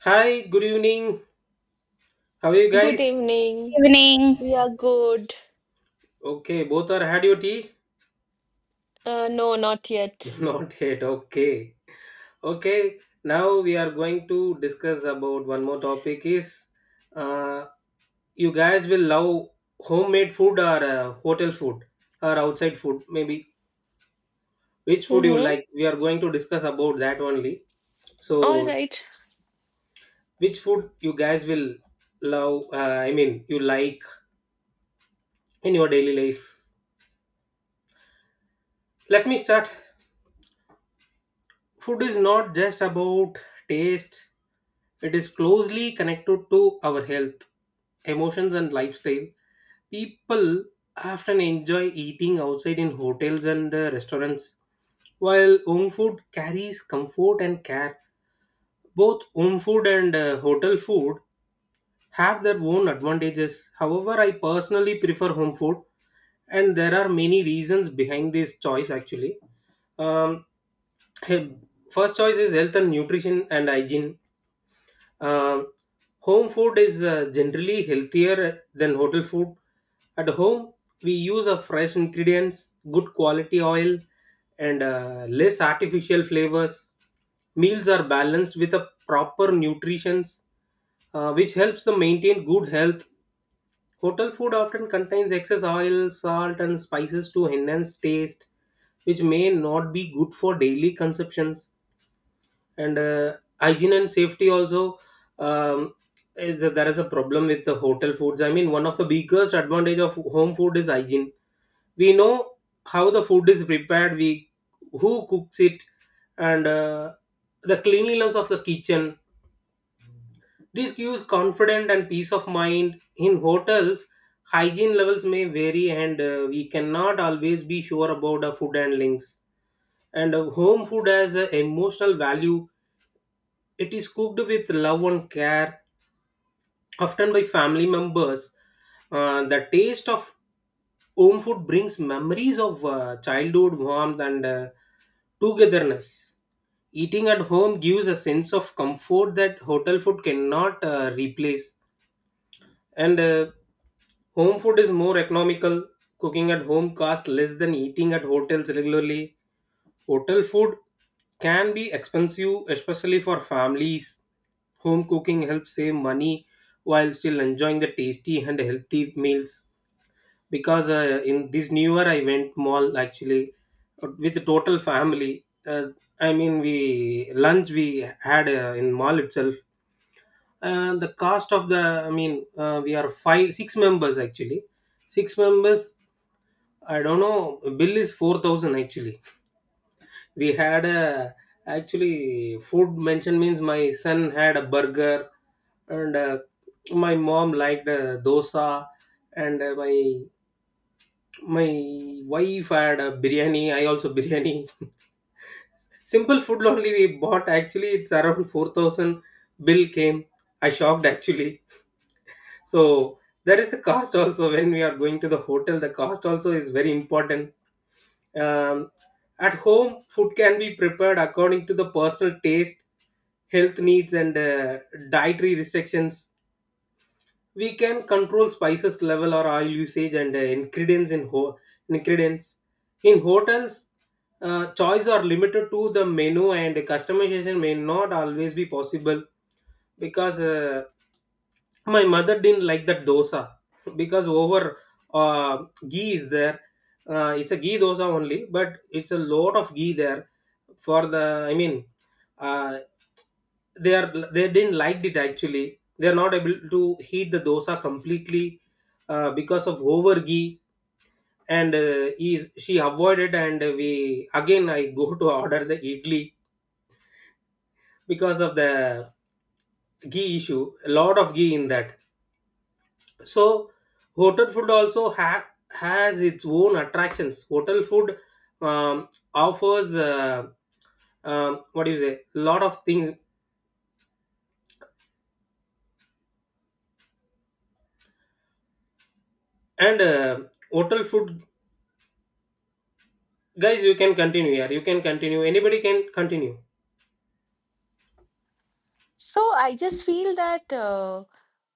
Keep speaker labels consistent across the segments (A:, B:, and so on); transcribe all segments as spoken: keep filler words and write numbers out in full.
A: Hi, good evening. How are you
B: Good
A: guys?
B: evening.
C: Evening.
B: We are good.
A: Okay, both are had your tea?
B: Uh, no, not yet.
A: Not yet. Okay. Okay, now we are going to discuss about one more topic is uh, you guys will love homemade food or uh, hotel food or outside food maybe, which food you
B: Mm-hmm.
A: like, we are going to discuss about that only.
B: All
A: So
B: right.
A: which food you guys will love, uh, I mean you like in your daily life. Let me start. Food is not just about taste. It is closely connected to our health, emotions, and lifestyle. People often enjoy eating outside in hotels and uh, restaurants, while home food carries comfort and care. Both home food and uh, hotel food have their own advantages. However, I personally prefer home food, and there are many reasons behind this choice actually. Um, he- First choice is health and nutrition and hygiene. um, Home food is uh, generally healthier than hotel food. At home, we use a fresh ingredients, good quality oil, and uh, less artificial flavors. Meals are balanced with a proper nutrition, uh, which helps them maintain good health. Hotel food often contains excess oil, salt, and spices to enhance taste, which may not be good for daily consumptions. And uh, Hygiene and safety also, um, is that there is a problem with the hotel foods. I mean, one of the biggest advantage of home food is hygiene. We know how the food is prepared, we who cooks it, and uh, the cleanliness of the kitchen. This gives confidence and peace of mind. In hotels, hygiene levels may vary and uh, we cannot always be sure about the food handlings. And uh, home food has a emotional value. It is cooked with love and care, often by family members. Uh, the taste of home food brings memories of uh, childhood warmth and uh, togetherness. Eating at home gives a sense of comfort that hotel food cannot uh, replace. And uh, home food is more economical. Cooking at home costs less than eating at hotels regularly. Hotel food can be expensive, especially for families. Home cooking helps save money while still enjoying the tasty and healthy meals. Because uh, in this new year, I went mall actually uh, with the total family. Uh, I mean, we lunch we had uh, in mall itself, and the cost of the, I mean, uh, we are five six members actually, six members. I don't know, bill is four thousand actually. We had a, actually food mention means, my son had a burger and uh, my mom liked uh, dosa, and uh, my my wife had a biryani, I also biryani, simple food only we bought actually. It's around four thousand bill came. I shocked actually. So there is a cost also. When we are going to the hotel, the cost also is very important. um, at home, food can be prepared according to the personal taste, health needs, and uh, dietary restrictions. We can control spices level or oil usage and uh, ingredients in ho- ingredients. In hotels, uh, choice are limited to the menu and customization may not always be possible. Because uh, my mother didn't like that dosa because over uh, ghee is there. Uh, it's a ghee dosa only, but it's a lot of ghee there for the, I mean, uh, they are they didn't like it actually. They are not able to heat the dosa completely, uh, because of over ghee. And uh, is she avoided, and we again I go to order the idli because of the ghee issue, a lot of ghee in that. So hotel food also ha- has its own attractions. Hotel food, um, offers, uh, um, what do you say? Lot of things. And uh, hotel food guys. You can continue here. You can continue. Anybody can continue.
B: So I just feel that uh,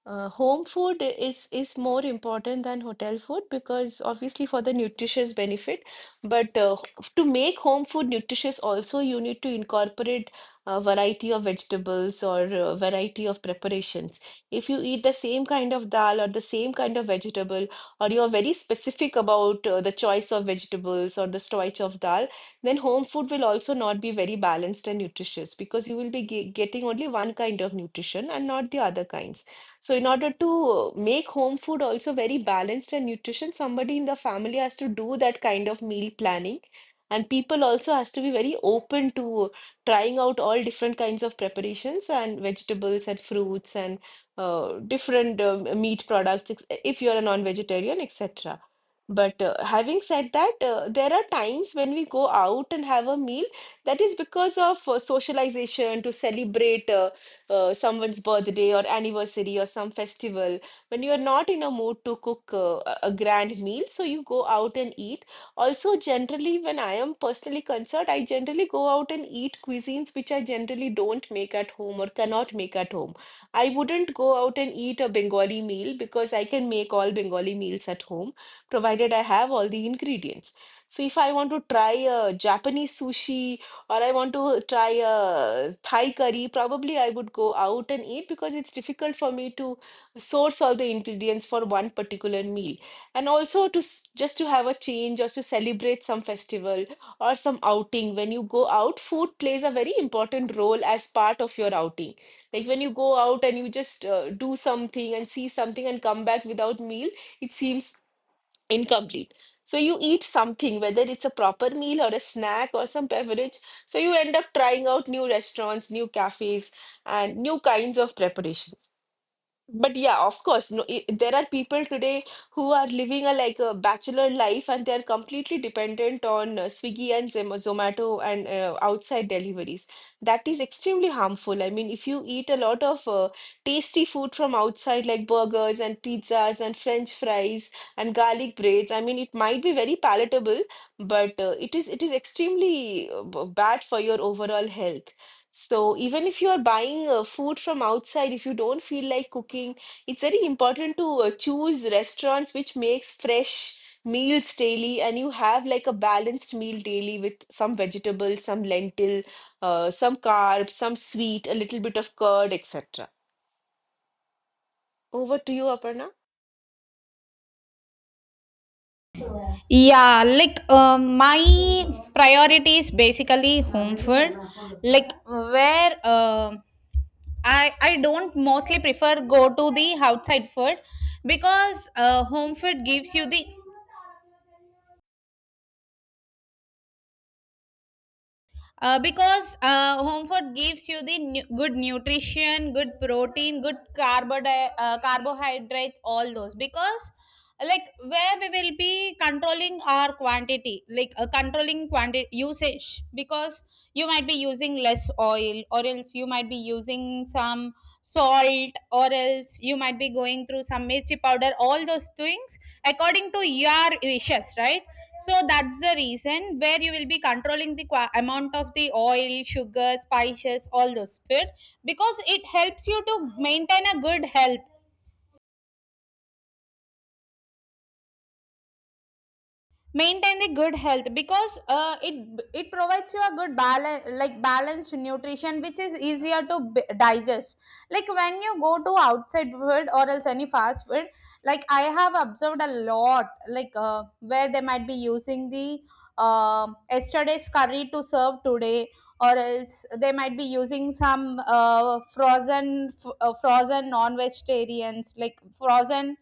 B: uh, home food is is more important than hotel food because obviously for the nutritious benefit, but uh, h- to make home food nutritious also you need to incorporate a variety of vegetables or a variety of preparations. If you eat the same kind of dal or the same kind of vegetable, or you're very specific about uh, the choice of vegetables or the choice of dal, then home food will also not be very balanced and nutritious because you will be ge- getting only one kind of nutrition and not the other kinds. So, in order to make home food also very balanced and nutritious, somebody in the family has to do that kind of meal planning. And people also has to be very open to trying out all different kinds of preparations and vegetables and fruits and uh, different uh, meat products ex- if you are a non-vegetarian, et cetera. But uh, having said that, uh, there are times when we go out and have a meal that is because of uh, socialization to celebrate uh, uh, someone's birthday or anniversary or some festival. When you are not in a mood to cook uh, a a grand meal, so you go out and eat. Also, generally, when I am personally concerned, I generally go out and eat cuisines which I generally don't make at home or cannot make at home. I wouldn't go out and eat a Bengali meal because I can make all Bengali meals at home provided I have all the ingredients. So if I want to try a Japanese sushi or I want to try a Thai curry, probably I would go out and eat because it's difficult for me to source all the ingredients for one particular meal. And also to s- just to have a change, just to celebrate some festival or some outing. When you go out, food plays a very important role as part of your outing. Like when you go out and you just uh, do something and see something and come back without meal, it seems incomplete. So you eat something, whether it's a proper meal or a snack or some beverage. So you end up trying out new restaurants, new cafes, and new kinds of preparations. But yeah, of course, no, I there are people today who are living a like a bachelor life and they're completely dependent on uh, Swiggy and Zem- Zomato and uh, outside deliveries. That is extremely harmful. I mean, if you eat a lot of uh, tasty food from outside, like burgers and pizzas and French fries and garlic breads, I mean, it might be very palatable, but uh, it is it is extremely uh, b- bad for your overall health. So even if you are buying uh, food from outside, if you don't feel like cooking, it's very important to uh, choose restaurants which makes fresh meals daily and you have like a balanced meal daily with some vegetables, some lentil, uh, some carbs, some sweet, a little bit of curd, et cetera. Over to you, Aparna.
C: Yeah, like uh, my priority is basically home food. Like where uh, I I don't mostly prefer go to the outside food because uh, home food gives you the uh, because uh, home food gives you the nu- good nutrition, good protein, good carbodi- uh, carbohydrates, all those. Because like where we will be controlling our quantity, like uh, controlling quantity usage, because you might be using less oil, or else you might be using some salt, or else you might be going through some mirchi powder, all those things according to your wishes, right? So that's the reason where you will be controlling the qua- amount of the oil, sugar, spices, all those food, because it helps you to maintain a good health. Maintain the good health because uh, it it provides you a good balance, like balanced nutrition, which is easier to b- digest. Like when you go to outside food or else any fast food, like I have observed a lot, like uh, where they might be using the uh, yesterday's curry to serve today, or else they might be using some uh, frozen f- uh, frozen non-vegetarians, like frozen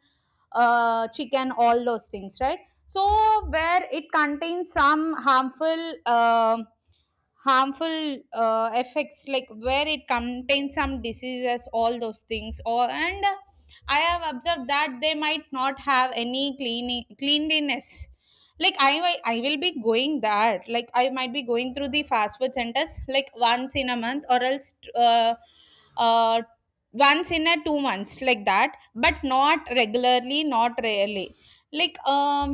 C: uh, chicken, all those things, right? So where it contains some harmful uh, harmful uh, effects, like where it contains some diseases, all those things. Or and I have observed that they might not have any cleaning cleanliness. Like i wi- I will be going that, like I might be going through the fast food centers like once in a month, or else uh, uh once in a two months, like that, but not regularly, not rarely. like um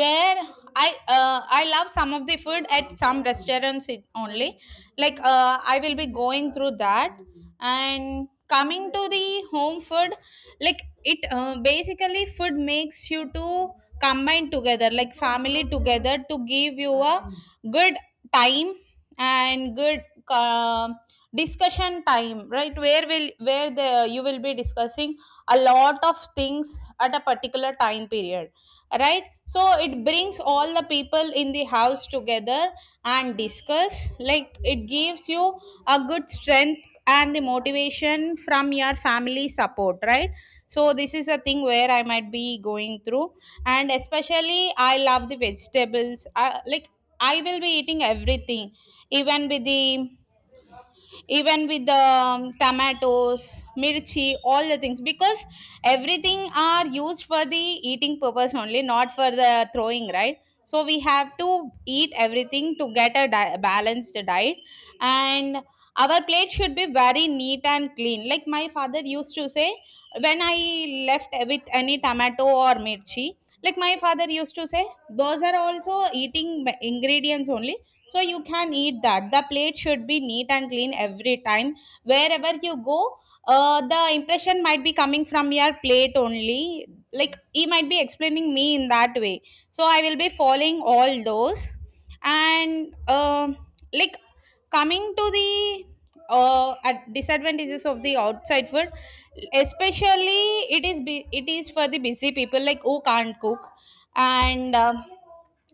C: where i uh, I love some of the food at some restaurants, it- only, like uh, I will be going through that. And coming to the home food, like it uh, basically food makes you to combine together, like family together, to give you a good time and good uh, discussion time, right? Where will where the you will be discussing a lot of things at a particular time period, right? So it brings all the people in the house together and discuss. Like it gives you a good strength and the motivation from your family support, right? So this is a thing where I might be going through. And especially I love the vegetables. I, like, I will be eating everything, even with the even with the um, tomatoes, mirchi, all the things, because everything are used for the eating purpose only, not for the throwing, right? So we have to eat everything to get a di- balanced diet. And our plate should be very neat and clean. Like my father used to say, when I left with any tomato or mirchi, like my father used to say, those are also eating ma- ingredients only, so you can eat that. The plate should be neat and clean every time, wherever you go. Uh, the impression might be coming from your plate only. Like he might be explaining me in that way. So I will be following all those. And um like coming to the uh, at disadvantages of the outside food. Especially it is bu- it is for the busy people, like who can't cook. And um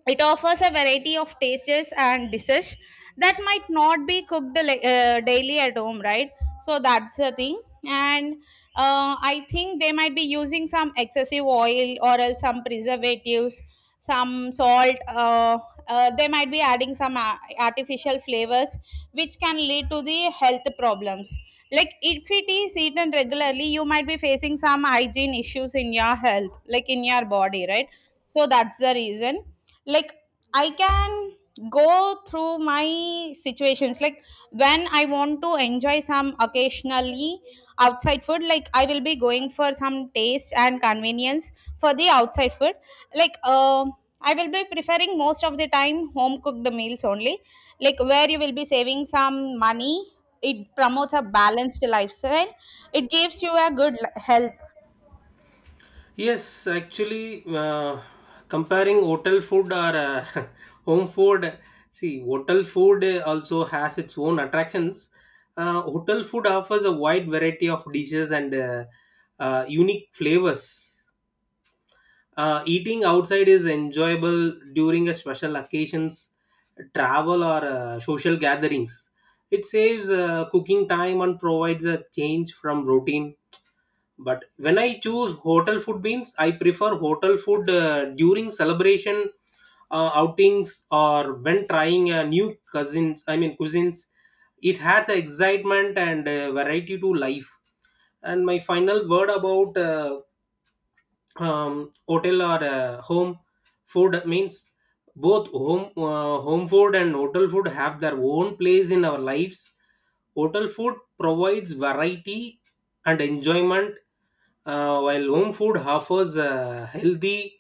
C: it offers a variety of tastes and dishes that might not be cooked, li- uh, daily at home, right? So that's the thing. And uh, I think they might be using some excessive oil, or else some preservatives, some salt. Uh, uh, they might be adding some a- artificial flavors, which can lead to the health problems. Like if it is eaten regularly, you might be facing some hygiene issues in your health, like in your body, right? So that's the reason, like I can go through my situations, like when I want to enjoy some occasionally outside food, like I will be going for some taste and convenience for the outside food. like uh, I will be preferring most of the time home cooked meals only, like where you will be saving some money. It promotes a balanced lifestyle. It gives you a good li- health.
A: Yes, actually, uh, comparing hotel food or uh, home food, see, hotel food uh, also has its own attractions. Uh, hotel food offers a wide variety of dishes and uh, uh, unique flavors. Uh, eating outside is enjoyable during a special occasions, travel, or uh, social gatherings. It saves uh, cooking time and provides a change from routine. But when I choose hotel food means, I prefer hotel food uh, during celebration, uh, outings, or when trying uh, new cousins I mean cuisines. It adds excitement and uh, variety to life. And my final word about uh, um, hotel or uh, home food means, both home uh, home food and hotel food have their own place in our lives. Hotel food provides variety and enjoyment, uh, while home food offers uh, healthy,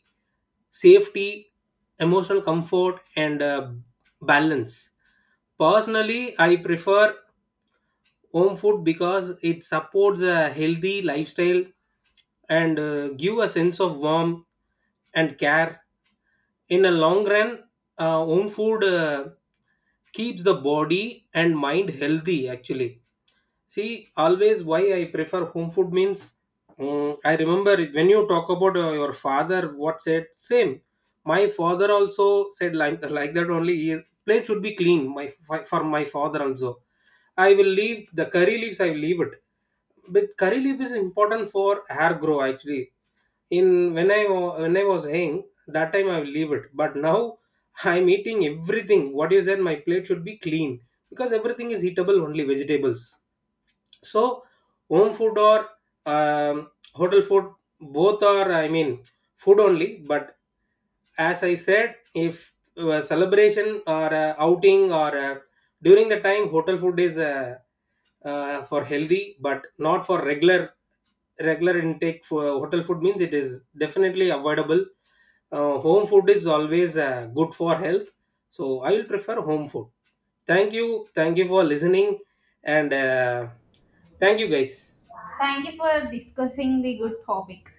A: safety, emotional comfort, and uh, balance. Personally, I prefer home food because it supports a healthy lifestyle and uh, give a sense of warmth and care. In a long run, uh, home food uh, keeps the body and mind healthy actually. See, always why I prefer home food means, mm, I remember it- when you talk about uh, your father, what said, same. My father also said like, like that only. He, plate should be clean. My fi- for my father also, I will leave the curry leaves. I will leave it. But curry leaf is important for hair grow actually. In when I wa- when I was young, that time I will leave it. But now I'm eating everything. What you said, my plate should be clean because everything is eatable only vegetables. So home food or um, hotel food, both are, I mean, food only. But as I said, if a celebration or a outing or a, during the time, hotel food is uh, uh, for healthy, but not for regular regular intake. For hotel food means it is definitely avoidable. Uh, home food is always uh, good for health, so I will prefer home food. Thank you, thank you for listening, and uh, thank you guys.
C: Thank you for discussing the good topic.